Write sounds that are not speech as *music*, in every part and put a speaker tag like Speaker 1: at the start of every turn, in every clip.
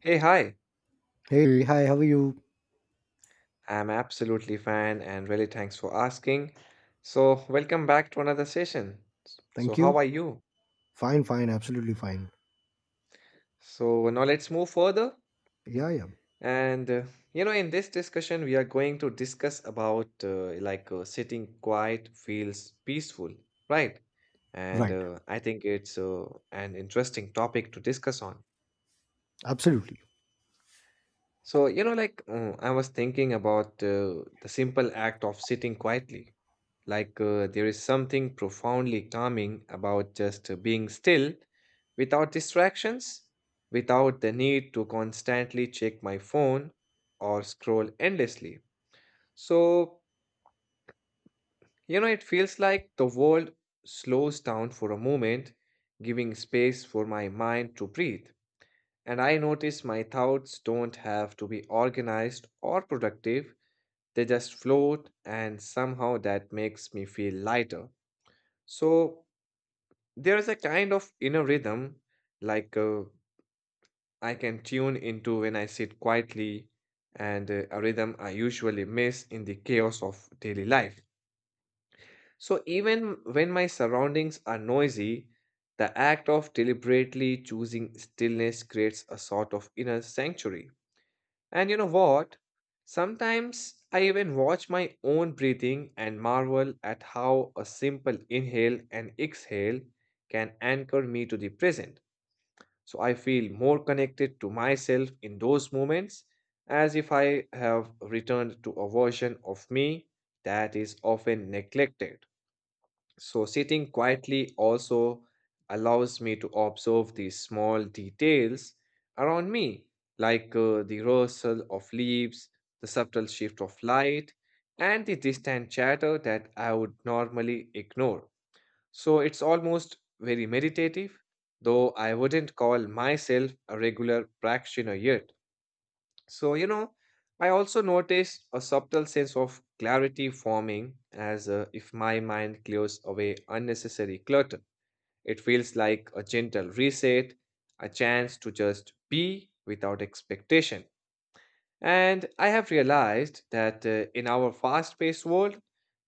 Speaker 1: Hey, hi.
Speaker 2: Hey, hi, how are you?
Speaker 1: I'm absolutely fine and really thanks for asking. So, welcome back to another session. So,
Speaker 2: Thank
Speaker 1: how
Speaker 2: you.
Speaker 1: are you?
Speaker 2: Fine, fine, absolutely fine.
Speaker 1: So, now let's move further.
Speaker 2: Yeah, yeah,
Speaker 1: And, uh, in this discussion, we are going to discuss about sitting quiet feels peaceful, right? And
Speaker 2: right,
Speaker 1: I think it's an interesting topic to discuss on.
Speaker 2: absolutely.
Speaker 1: I was thinking about the simple act of sitting quietly. There is something profoundly calming about just being still without distractions, without the need to constantly check my phone or scroll endlessly. So, it feels like the world slows down for a moment, giving space for my mind to breathe. And I notice my thoughts don't have to be organized or productive, they just float, and somehow that makes me feel lighter. So, there is a kind of inner rhythm, like uh, I can tune into when I sit quietly, and a rhythm I usually miss in the chaos of daily life. So, even when my surroundings are noisy, the act of deliberately choosing stillness creates a sort of inner sanctuary. And you know what? Sometimes I even watch my own breathing and marvel at how a simple inhale and exhale can anchor me to the present. So I feel more connected to myself in those moments, as if I have returned to a version of me that is often neglected. So sitting quietly also allows me to observe these small details around me, like the rustle of leaves, the subtle shift of light, and the distant chatter that I would normally ignore. So it's almost very meditative, though I wouldn't call myself a regular practitioner yet. So, you know, I also noticed a subtle sense of clarity forming as if my mind clears away unnecessary clutter. It feels like a gentle reset, a chance to just be without expectation. And I have realized that in our fast paced world,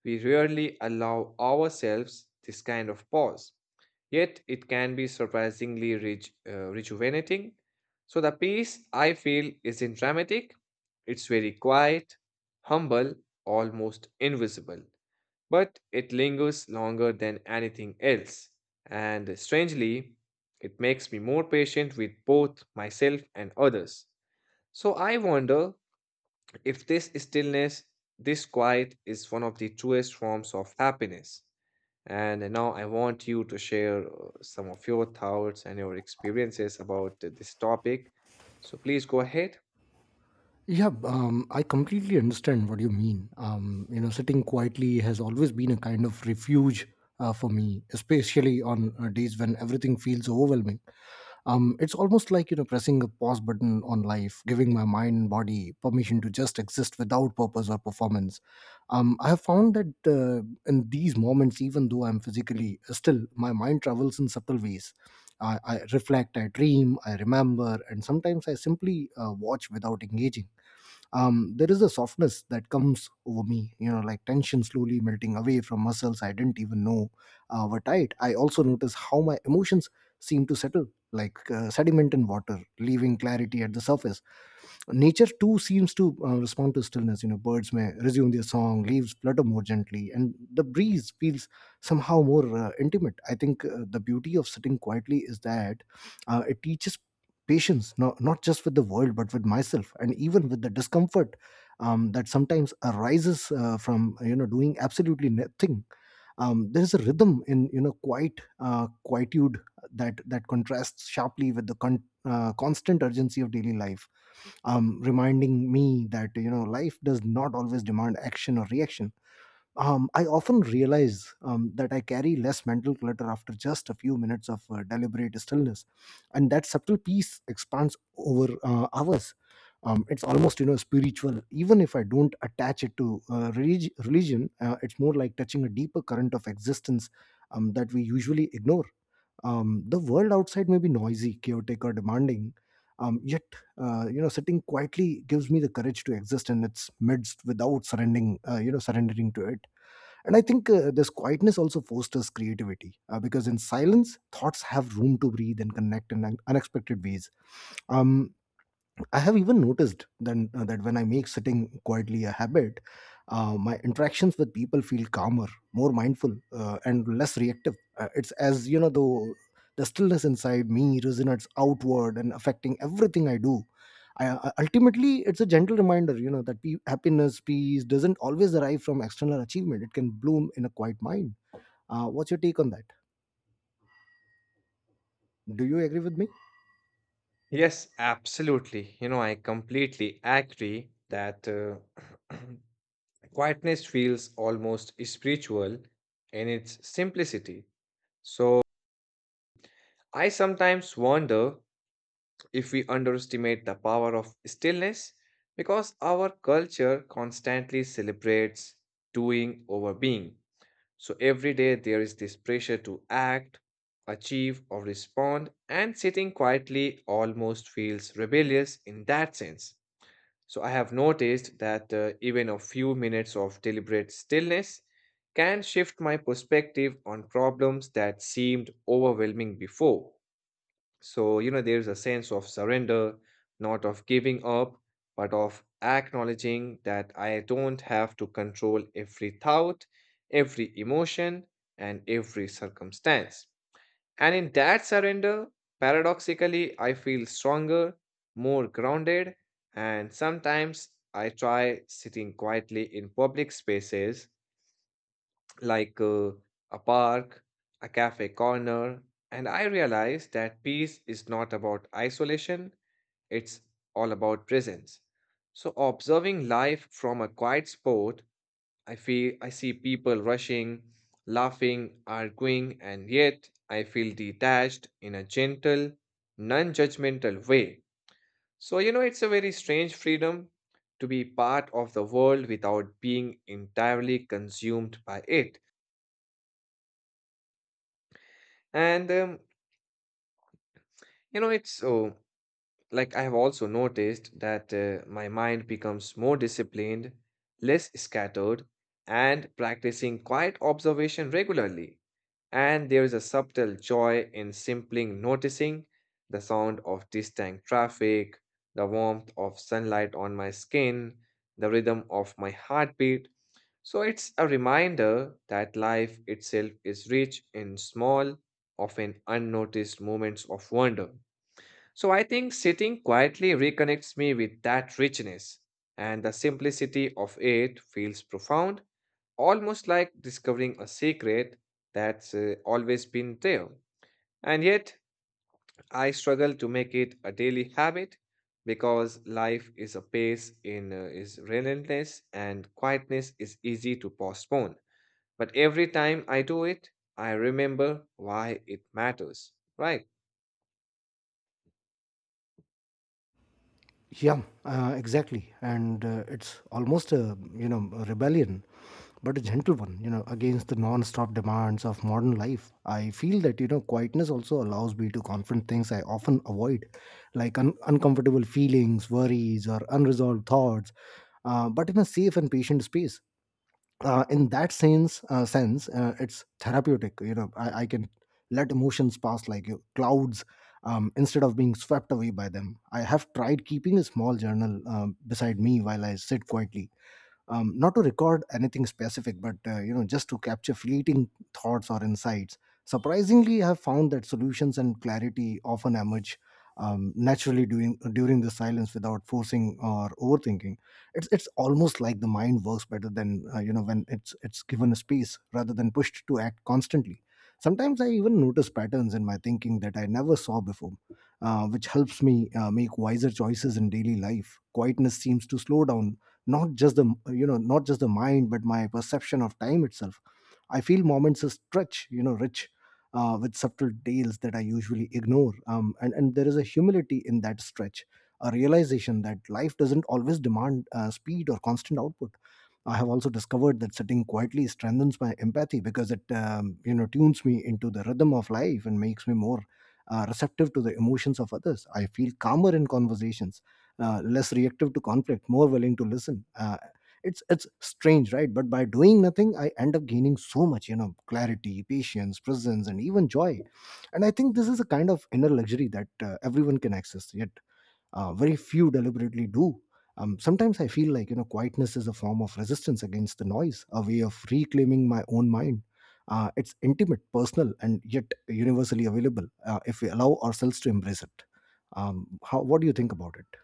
Speaker 1: we rarely allow ourselves this kind of pause, yet it can be surprisingly rejuvenating. So, the peace I feel isn't dramatic, it's very quiet, humble, almost invisible, but it lingers longer than anything else. And strangely, it makes me more patient with both myself and others. So, I wonder if this stillness, this quiet, is one of the truest forms of happiness. And now I want you to share some of your thoughts and your experiences about this topic. So please go ahead.
Speaker 2: Yeah, I completely understand what you mean. Sitting quietly has always been a kind of refuge for me, especially on days when everything feels overwhelming. It's almost like pressing a pause button on life, giving my mind and body permission to just exist without purpose or performance. I have found that in these moments, even though I'm physically still, my mind travels in subtle ways. I reflect, I dream, I remember, and sometimes I simply watch without engaging. There is a softness that comes over me, like tension slowly melting away from muscles I didn't even know were tight. I also notice how my emotions seem to settle, like sediment in water, leaving clarity at the surface. Nature too seems to respond to stillness. Birds may resume their song, leaves flutter more gently, and the breeze feels somehow more intimate. I think the beauty of sitting quietly is that it teaches patience. No, not just with the world, but with myself, and even with the discomfort that sometimes arises from doing absolutely nothing. There is a rhythm in, quietude that contrasts sharply with the constant urgency of daily life, reminding me that, life does not always demand action or reaction. I often realize that I carry less mental clutter after just a few minutes of deliberate stillness, and that subtle peace expands over hours. It's almost, spiritual. Even if I don't attach it to religion, it's more like touching a deeper current of existence that we usually ignore. The world outside may be noisy, chaotic, or demanding, yet sitting quietly gives me the courage to exist in its midst without surrendering, surrendering to it. And I think this quietness also fosters creativity, because in silence, thoughts have room to breathe and connect in unexpected ways. Um, I have even noticed then that when I make sitting quietly a habit, my interactions with people feel calmer, more mindful, and less reactive. It's as, though the stillness inside me resonates outward, and affecting everything I do. Ultimately, it's a gentle reminder, that happiness, peace doesn't always arrive from external achievement. It can bloom in a quiet mind. What's your take on that? Do you agree with me?
Speaker 1: Yes, absolutely. You know, I completely agree that *clears throat* quietness feels almost spiritual in its simplicity. So I sometimes wonder if we underestimate the power of stillness because our culture constantly celebrates doing over being. So every day there is this pressure to act, achieve, or respond, and sitting quietly almost feels rebellious in that sense. So I have noticed that even a few minutes of deliberate stillness can shift my perspective on problems that seemed overwhelming before. So, you know, there's a sense of surrender, not of giving up, but of acknowledging that I don't have to control every thought, every emotion, and every circumstance. And in that surrender, paradoxically, I feel stronger, more grounded, and sometimes I try sitting quietly in public spaces like a park, a cafe corner, and I realized that peace is not about isolation, it's all about presence. So observing life from a quiet spot, I feel I see people rushing, laughing, arguing, and yet I feel detached in a gentle, non-judgmental way. So you know it's a very strange freedom to be part of the world without being entirely consumed by it. And it's so like I have also noticed that my mind becomes more disciplined, less scattered, and practicing quiet observation regularly. And there is a subtle joy in simply noticing the sound of distant traffic, the warmth of sunlight on my skin, the rhythm of my heartbeat. So it's a reminder that life itself is rich in small, often unnoticed moments of wonder. So I think sitting quietly reconnects me with that richness, and the simplicity of it feels profound, almost like discovering a secret that's always been there. And yet, I struggle to make it a daily habit because life is a pace in is relentless and quietness is easy to postpone. But every time I do it, I remember why it matters, right?
Speaker 2: Yeah, exactly. And it's almost a you know a rebellion, but a gentle one. You know, against the non-stop demands of modern life. I feel that, quietness also allows me to confront things I often avoid, like uncomfortable feelings, worries, or unresolved thoughts, but in a safe and patient space. In that sense, it's therapeutic. I can let emotions pass like clouds. Instead of being swept away by them, I have tried keeping a small journal beside me while I sit quietly, not to record anything specific, but just to capture fleeting thoughts or insights. Surprisingly, I have found that solutions and clarity often emerge naturally, during the silence, without forcing or overthinking. It's almost like the mind works better than, when it's given a space rather than pushed to act constantly. Sometimes I even notice patterns in my thinking that I never saw before, which helps me make wiser choices in daily life. Quietness seems to slow down, not just the mind, but my perception of time itself. I feel moments are stretch, rich with subtle tales that I usually ignore, and there is a humility in that stretch, a realization that life doesn't always demand speed or constant output. I have also discovered that sitting quietly strengthens my empathy because it tunes me into the rhythm of life and makes me more receptive to the emotions of others. I feel calmer in conversations, less reactive to conflict, more willing to listen. It's strange, right? But by doing nothing, I end up gaining so much, clarity, patience, presence, and even joy. And I think this is a kind of inner luxury that everyone can access, yet very few deliberately do. Sometimes I feel like, quietness is a form of resistance against the noise, a way of reclaiming my own mind. It's intimate, personal, and yet universally available, if we allow ourselves to embrace it. How? What do you think about it?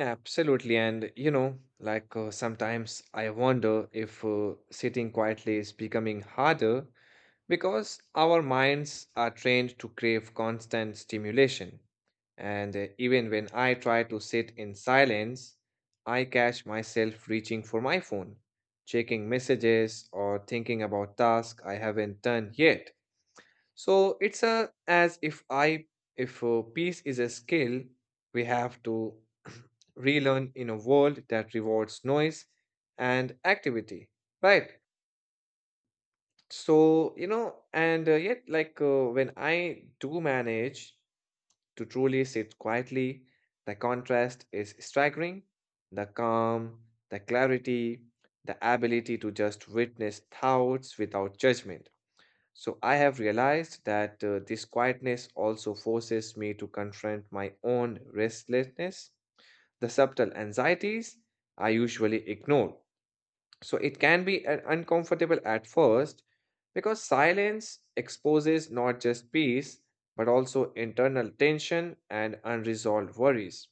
Speaker 1: Absolutely. And you know, sometimes I wonder if sitting quietly is becoming harder because our minds are trained to crave constant stimulation. And even when I try to sit in silence, I catch myself reaching for my phone, checking messages, or thinking about tasks I haven't done yet. So it's a, as if I if peace is a skill we have to *clears throat* relearn in a world that rewards noise and activity, right? So you know, and yet when I do manage to truly sit quietly, the contrast is staggering. The calm, the clarity, the ability to just witness thoughts without judgment. So I have realized that this quietness also forces me to confront my own restlessness, the subtle anxieties I usually ignore. So it can be uncomfortable at first because silence exposes not just peace but also internal tension and unresolved worries.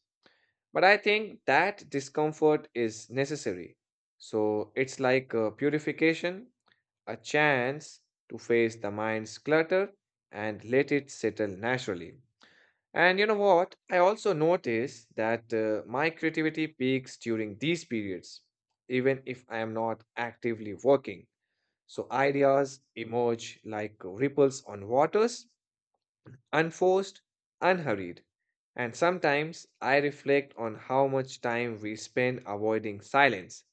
Speaker 1: But I think that discomfort is necessary. So it's like purification, a chance to face the mind's clutter and let it settle naturally. And you know what? I also notice that my creativity peaks during these periods, even if I am not actively working. So ideas emerge like ripples on waters, unforced, unhurried. And sometimes I reflect on how much time we spend avoiding silence,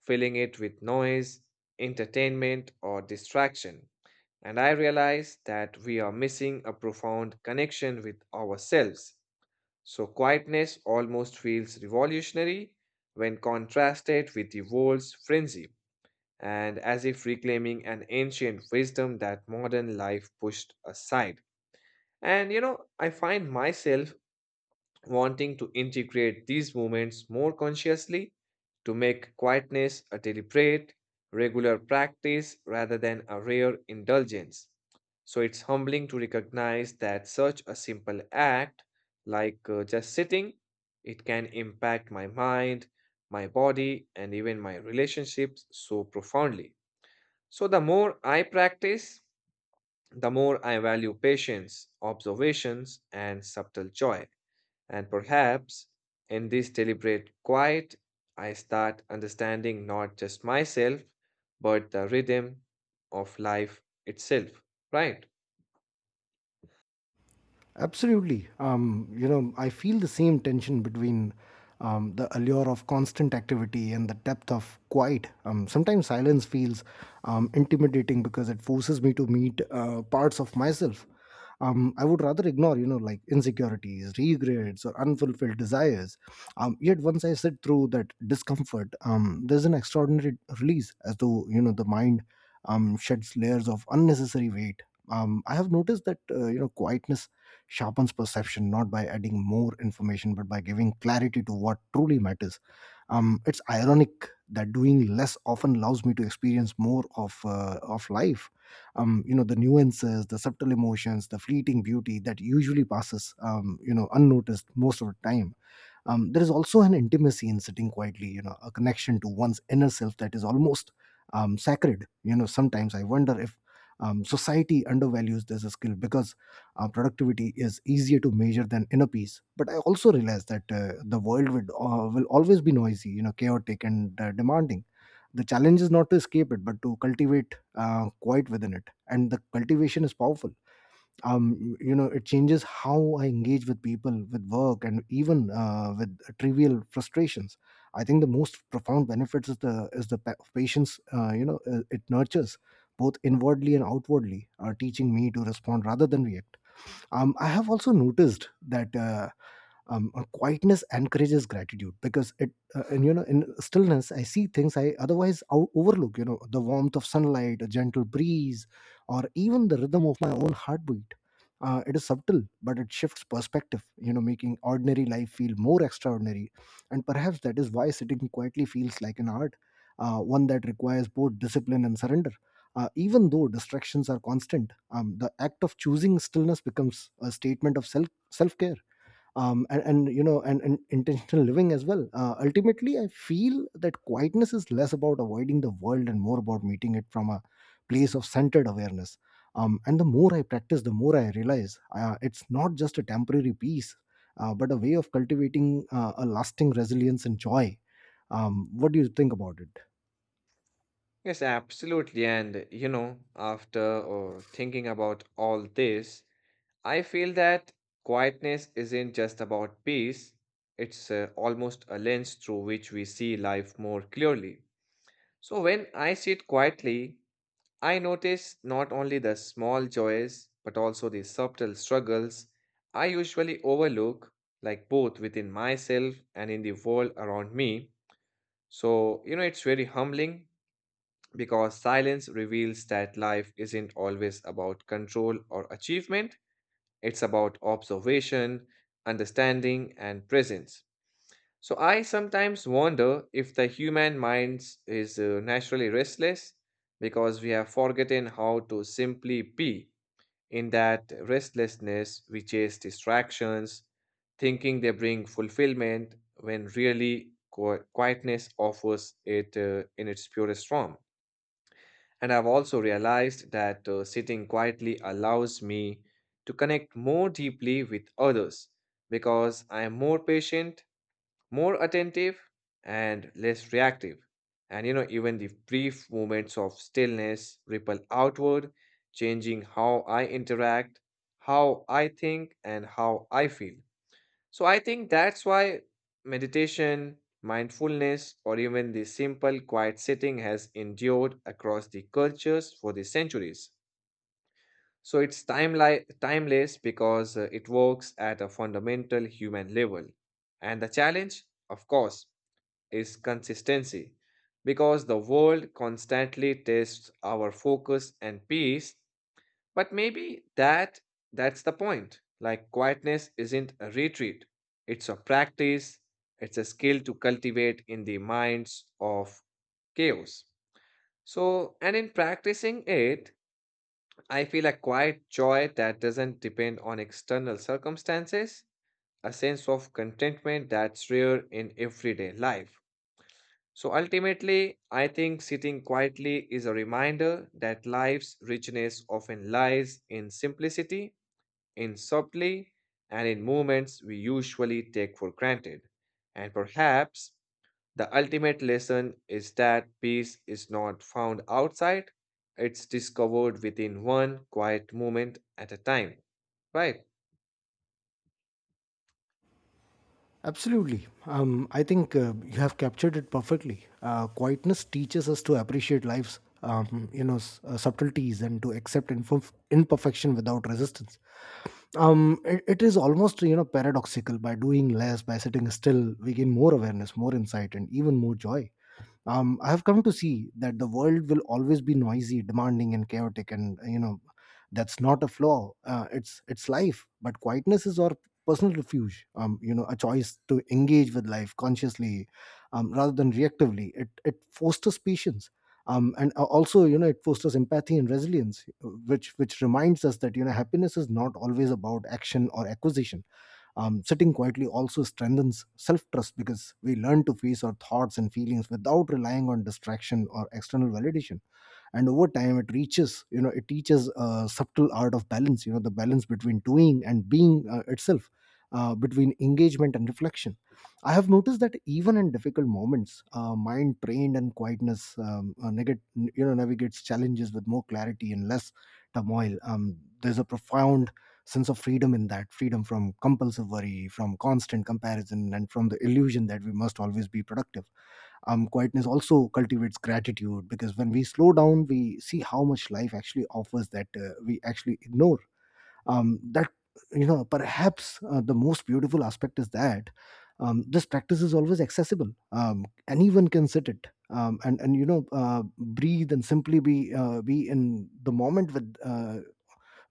Speaker 1: filling it with noise, entertainment, or distraction. And I realize that we are missing a profound connection with ourselves. So, quietness almost feels revolutionary when contrasted with the world's frenzy, and as if reclaiming an ancient wisdom that modern life pushed aside. And you know, I find myself wanting to integrate these moments more consciously, to make quietness a deliberate, regular practice rather than a rare indulgence. So it's humbling to recognize that such a simple act, like just sitting, it can impact my mind, my body, and even my relationships so profoundly. So the more I practice, the more I value patience, observations, and subtle joy. And perhaps in this deliberate quiet, I start understanding not just myself, but the rhythm of life itself. Right?
Speaker 2: Absolutely. I feel the same tension between the allure of constant activity and the depth of quiet. Sometimes silence feels intimidating because it forces me to meet parts of myself. I would rather ignore, like insecurities, regrets, or unfulfilled desires. Yet once I sit through that discomfort, there's an extraordinary release, as though, the mind sheds layers of unnecessary weight. I have noticed that quietness sharpens perception, not by adding more information, but by giving clarity to what truly matters. It's ironic that doing less often allows me to experience more of, of life. The nuances, the subtle emotions, the fleeting beauty that usually passes unnoticed most of the time. There is also an intimacy in sitting quietly, a connection to one's inner self that is almost sacred. You know, sometimes I wonder if society undervalues this skill, because productivity is easier to measure than inner peace. But I also realize that the world will always be noisy, chaotic, and demanding. The challenge is not to escape it, but to cultivate quiet within it. And the cultivation is powerful. It changes how I engage with people, with work, and even with trivial frustrations. I think the most profound benefits is the patience. It nurtures both inwardly and outwardly, are teaching me to respond rather than react. I have also noticed that, quietness encourages gratitude because it and you know in stillness I see things I otherwise overlook, the warmth of sunlight, a gentle breeze, or even the rhythm of my own heartbeat. It is subtle, but it shifts perspective, making ordinary life feel more extraordinary. And perhaps that is why sitting quietly feels like an art, one that requires both discipline and surrender. Even though distractions are constant, the act of choosing stillness becomes a statement of self- care and you know and intentional living as well. Ultimately, I feel that quietness is less about avoiding the world and more about meeting it from a place of centered awareness. And the more I practice, the more I realize it's not just a temporary peace, but a way of cultivating a lasting resilience and joy. What do you think about it?
Speaker 1: Yes, absolutely. And you know, after thinking about all this, I feel that quietness isn't just about peace, it's almost a lens through which we see life more clearly. So when I sit quietly, I notice not only the small joys, but also the subtle struggles I usually overlook, like both within myself and in the world around me. So, you know, it's very humbling because silence reveals that life isn't always about control or achievement, it's about observation, understanding, and presence. So I sometimes wonder if the human mind is naturally restless because we have forgotten how to simply be. In that restlessness, we chase distractions, thinking they bring fulfillment when really quietness offers it in its purest form. And I've also realized that sitting quietly allows me to connect more deeply with others because I am more patient, more attentive, and less reactive. And you know, even the brief moments of stillness ripple outward, changing how I interact, how I think, and how I feel. So I think that's why meditation, mindfulness, or even the simple quiet sitting has endured across the cultures for the centuries. So it's timeless because it works at a fundamental human level. And the challenge, of course, is consistency because the world constantly tests our focus and peace, but maybe that's the point. Like, quietness isn't a retreat, it's a practice, it's a skill to cultivate in the minds of chaos. So, and in practicing it, I feel a quiet joy that doesn't depend on external circumstances, a sense of contentment that's rare in everyday life. So ultimately, I think sitting quietly is a reminder that life's richness often lies in simplicity, in subtlety, and in moments we usually take for granted. And perhaps the ultimate lesson is that peace is not found outside, it's discovered within, one quiet moment at a time. Right.
Speaker 2: Absolutely. I think you have captured it perfectly. Quietness teaches us to appreciate life's, subtleties, and to accept imperfection without resistance. It is almost, paradoxical. By doing less, by sitting still, we gain more awareness, more insight, and even more joy. I have come to see that the world will always be noisy, demanding, and chaotic, and, that's not a flaw. It's life. But quietness is our personal refuge, a choice to engage with life consciously, rather than reactively. It fosters patience, and also, it fosters empathy and resilience, which reminds us that, happiness is not always about action or acquisition. Sitting quietly also strengthens self-trust because we learn to face our thoughts and feelings without relying on distraction or external validation. And over time, it reaches you know it teaches a subtle art of balance, the balance between doing and being itself, between engagement and reflection. I have noticed that even in difficult moments, mind trained and quietness, navigates challenges with more clarity and less turmoil. There's a profound sense of freedom in that, freedom from compulsive worry, from constant comparison, and from the illusion that we must always be productive. Quietness also cultivates gratitude because when we slow down, we see how much life actually offers that we actually ignore that You know, perhaps the most beautiful aspect is that, this practice is always accessible. Anyone can sit it, and breathe and simply be in the moment with uh,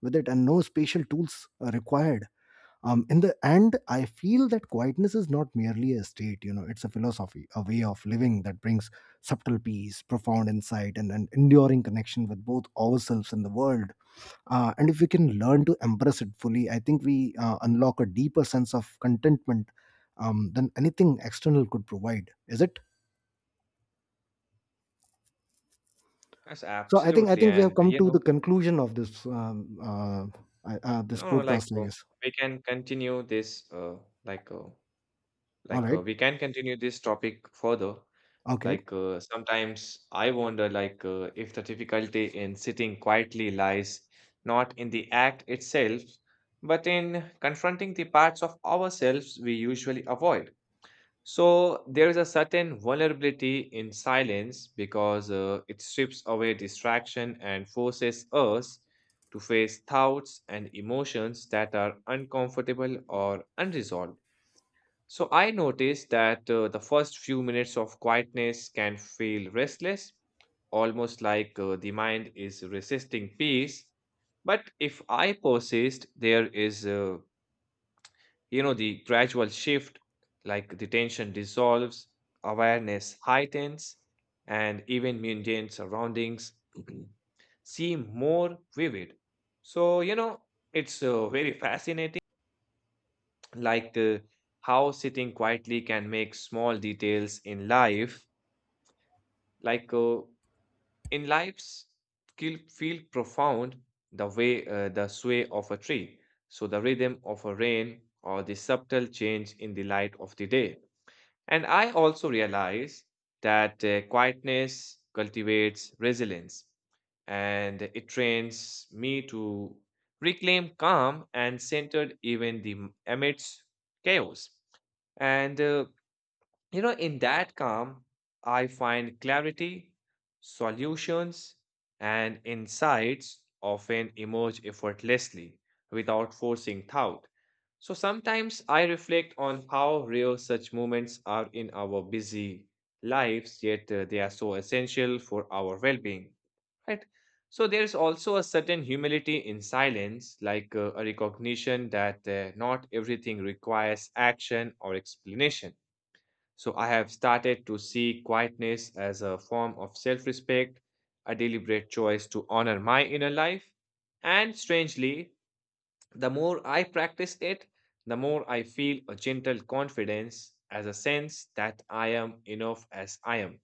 Speaker 2: with it, and no spatial tools are required. In the end, I feel that quietness is not merely a state, you know, it's a philosophy, a way of living that brings subtle peace, profound insight, and an enduring connection with both ourselves and the world. And if we can learn to embrace it fully, I think we unlock a deeper sense of contentment, than anything external could provide. Is it?
Speaker 1: Yes,
Speaker 2: so i think i
Speaker 1: absolutely.
Speaker 2: think we
Speaker 1: And,
Speaker 2: have
Speaker 1: uh,
Speaker 2: come
Speaker 1: you
Speaker 2: to the
Speaker 1: know,
Speaker 2: conclusion of this, this
Speaker 1: no, like
Speaker 2: podcast, I
Speaker 1: uh,
Speaker 2: guess.
Speaker 1: we can continue this, like
Speaker 2: All right.
Speaker 1: We can continue this topic further.
Speaker 2: Okay.
Speaker 1: Sometimes I wonder if the difficulty in sitting quietly lies not in the act itself, but in confronting the parts of ourselves we usually avoid. So there is a certain vulnerability in silence, because it strips away distraction and forces us to face thoughts and emotions that are uncomfortable or unresolved. So I noticed that the first few minutes of quietness can feel restless, almost the mind is resisting peace. But if I persist, there is, the gradual shift, like the tension dissolves, awareness heightens, and even mundane surroundings *clears throat* seem more vivid. So it's very fascinating, like uh, how sitting quietly can make small details in life, like uh, in life's feel profound, the way the sway of a tree, so the rhythm of a rain, or the subtle change in the light of the day. And I also realize that quietness cultivates resilience, and it trains me to reclaim calm and centered even the amidst chaos. And uh, in that calm, I find clarity, solutions, and insights often emerge effortlessly without forcing thought. So sometimes I reflect on how rare such moments are in our busy lives, yet they are so essential for our well being, right? So there is also a certain humility in silence, a recognition that not everything requires action or explanation. So I have started to see quietness as a form of self respect, a deliberate choice to honor my inner life. And strangely, the more I practice it, the more I feel a gentle confidence, as a sense that I am enough as I am.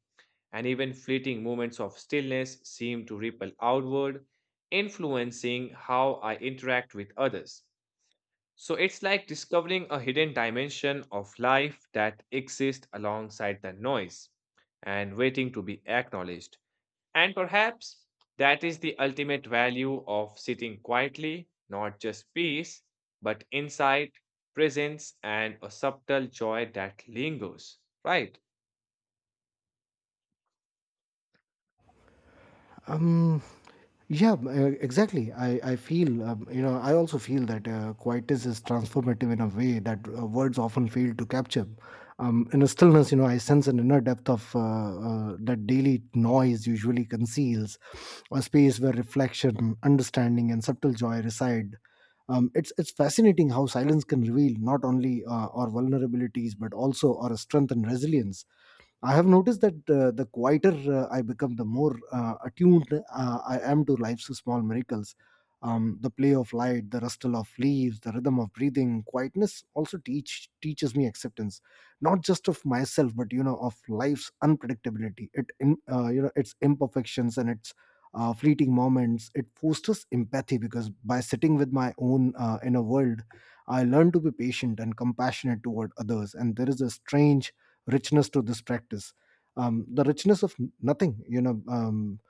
Speaker 1: And even fleeting moments of stillness seem to ripple outward, influencing how I interact with others. So it's like discovering a hidden dimension of life that exists alongside the noise and waiting to be acknowledged. And perhaps that is the ultimate value of sitting quietly, not just peace, but insight, presence, and a subtle joy that lingers, right?
Speaker 2: Um Yeah, m- uh, exactly. I feel, you know, I also feel that quietness is transformative in a way that words often fail to capture. In a stillness, you know, I sense an inner depth of that daily noise usually conceals, a space where reflection, understanding, and subtle joy reside. It's fascinating how silence can reveal not only our vulnerabilities but also our strength and resilience. I have noticed that the quieter I become, the more attuned I am to life's small miracles. The play of light, the rustle of leaves, the rhythm of breathing. Quietness also teaches me acceptance, not just of myself, but, you know, of life's unpredictability. You know, its imperfections and its fleeting moments. It fosters empathy because by sitting with my own inner world, I learn to be patient and compassionate toward others. And there is a strange richness to this practice, the richness of nothing, you know. um,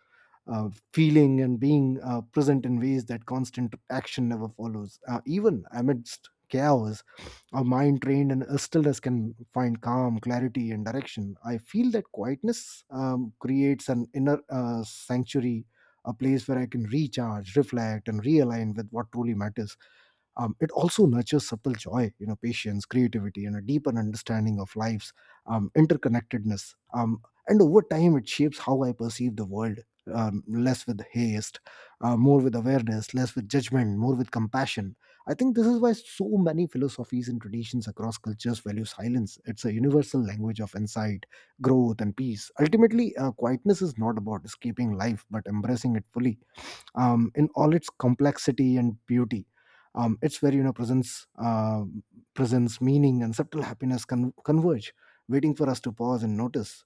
Speaker 2: uh, Feeling and being present in ways that constant action never follows. Even amidst chaos, a mind trained in a stillness can find calm, clarity, and direction. I feel that quietness creates an inner sanctuary, a place where I can recharge, reflect, and realign with what truly matters. It also nurtures subtle joy, you know, patience, creativity, and a deeper understanding of life's interconnectedness. And over time, it shapes how I perceive the world, less with haste, more with awareness, less with judgment, more with compassion. I think this is why so many philosophies and traditions across cultures value silence. It's a universal language of insight, growth, and peace. Ultimately, quietness is not about escaping life, but embracing it fully, in all its complexity and beauty. It's where, you know, presence, meaning, and subtle happiness converge, waiting for us to pause and notice.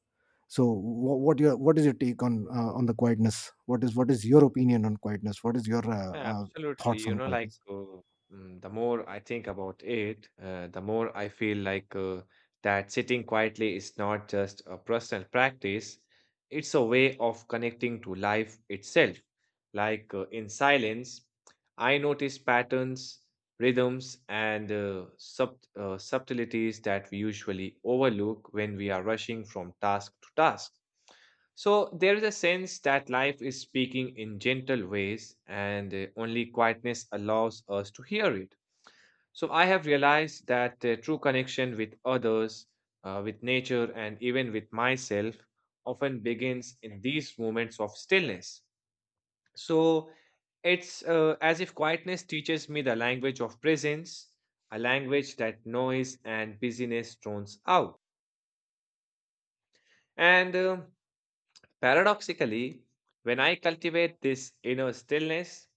Speaker 2: So, what is your take on the quietness? What is your opinion on quietness? What is your
Speaker 1: Yeah, absolutely.
Speaker 2: thoughts on quietness?
Speaker 1: The more I think about it, the more I feel that sitting quietly is not just a personal practice, it's a way of connecting to life itself. In silence, I notice patterns, rhythms, and subtleties that we usually overlook when we are rushing from task to task. So there is a sense that life is speaking in gentle ways, and only quietness allows us to hear it. So I have realized that true connection with others, with nature, and even with myself often begins in these moments of stillness. So it's as if quietness teaches me the language of presence, a language that noise and busyness tones out. And Paradoxically, when I cultivate this inner stillness,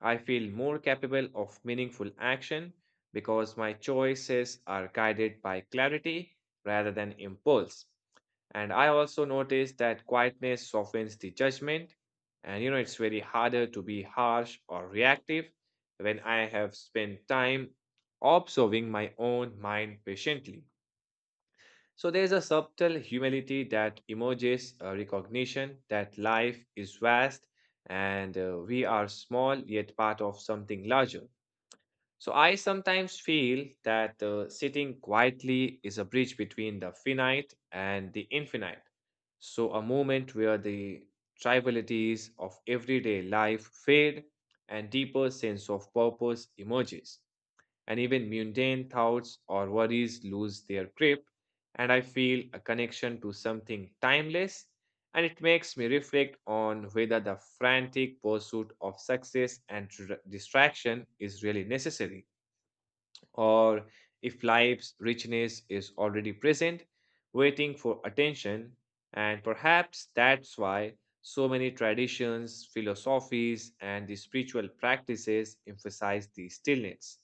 Speaker 1: I feel more capable of meaningful action, because my choices are guided by clarity rather than impulse. And I also notice that quietness softens the judgment. And you know, it's very harder to be harsh or reactive when I have spent time observing my own mind patiently. So there's a subtle humility that emerges, a recognition that life is vast and we are small yet part of something larger. So I sometimes feel that sitting quietly is a bridge between the finite and the infinite. So a moment where the trivialities of everyday life fade and deeper sense of purpose emerges, and even mundane thoughts or worries lose their grip, and I feel a connection to something timeless, and it makes me reflect on whether the frantic pursuit of success and distraction is really necessary, or if life's richness is already present, waiting for attention. And perhaps that's why so many traditions, philosophies, and the spiritual practices emphasize the stillness.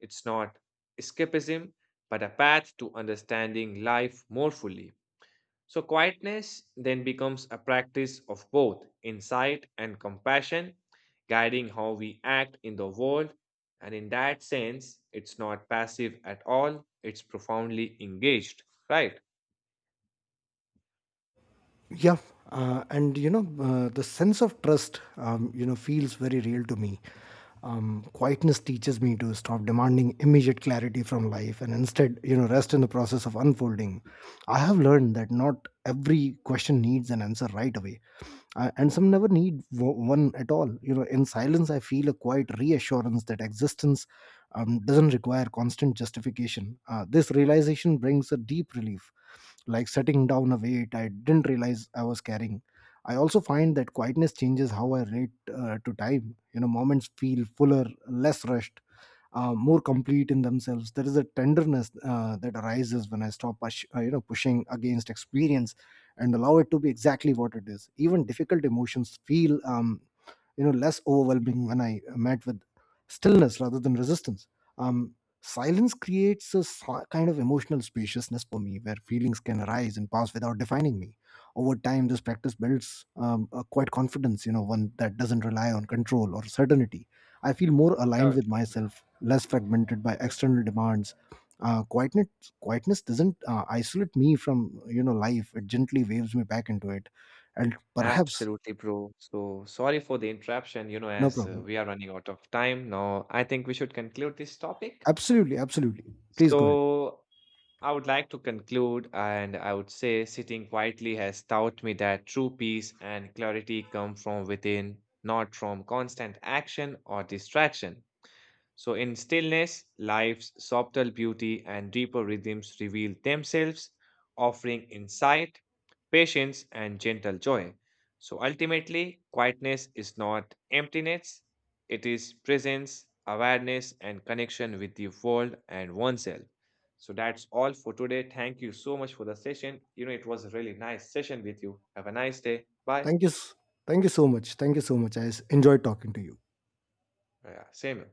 Speaker 1: It's not escapism, but a path to understanding life more fully. So, quietness then becomes a practice of both insight and compassion, guiding how we act in the world. And in that sense, it's not passive at all, it's profoundly engaged, right?
Speaker 2: Yeah, and you know, the sense of trust, you know, feels very real to me. Quietness teaches me to stop demanding immediate clarity from life and instead, you know, rest in the process of unfolding. I have learned that not every question needs an answer right away. And some never need one at all. You know, in silence I feel a quiet reassurance that existence doesn't require constant justification. This realization brings a deep relief, like setting down a weight I didn't realize I was carrying. I also find that quietness changes how I relate to time. You know, moments feel fuller, less rushed, more complete in themselves. There is a tenderness that arises when I stop, you know, pushing against experience and allow it to be exactly what it is. Even difficult emotions feel, you know, less overwhelming when I met with stillness rather than resistance. um Silence creates a kind of emotional spaciousness for me where feelings can arise and pass without defining me. Over time this practice builds, a quite confidence, you know, one that doesn't rely on control or certainty. I feel more aligned
Speaker 1: Sure,
Speaker 2: with
Speaker 1: sure, man.
Speaker 2: myself, less fragmented by
Speaker 1: You know,
Speaker 2: external demands. Uh, quietness quietness doesn't isolate me from, you know, life. It gently waves me back into it, and perhaps.
Speaker 1: absolutely, bro. So, sorry for the interruption, you know,
Speaker 2: No
Speaker 1: as
Speaker 2: problem.
Speaker 1: we are running out of time now. I think we should conclude this topic.
Speaker 2: Absolutely, absolutely. Please go ahead.
Speaker 1: So, I would like to conclude, and I would say sitting quietly has taught me that true peace and clarity come from within, not from constant action or distraction. So, in stillness, life's subtle beauty and deeper rhythms reveal themselves, offering insight, patience, and gentle joy. So, ultimately, quietness is not emptiness, it is presence, awareness, and connection with the world and oneself. So, that's all for today. Thank you so much for the session. You know, it was a really nice session with you. Have a nice day. Bye.
Speaker 2: Thank you. Thank you so much. Thank you so much. I enjoyed talking to you.
Speaker 1: Yeah, same.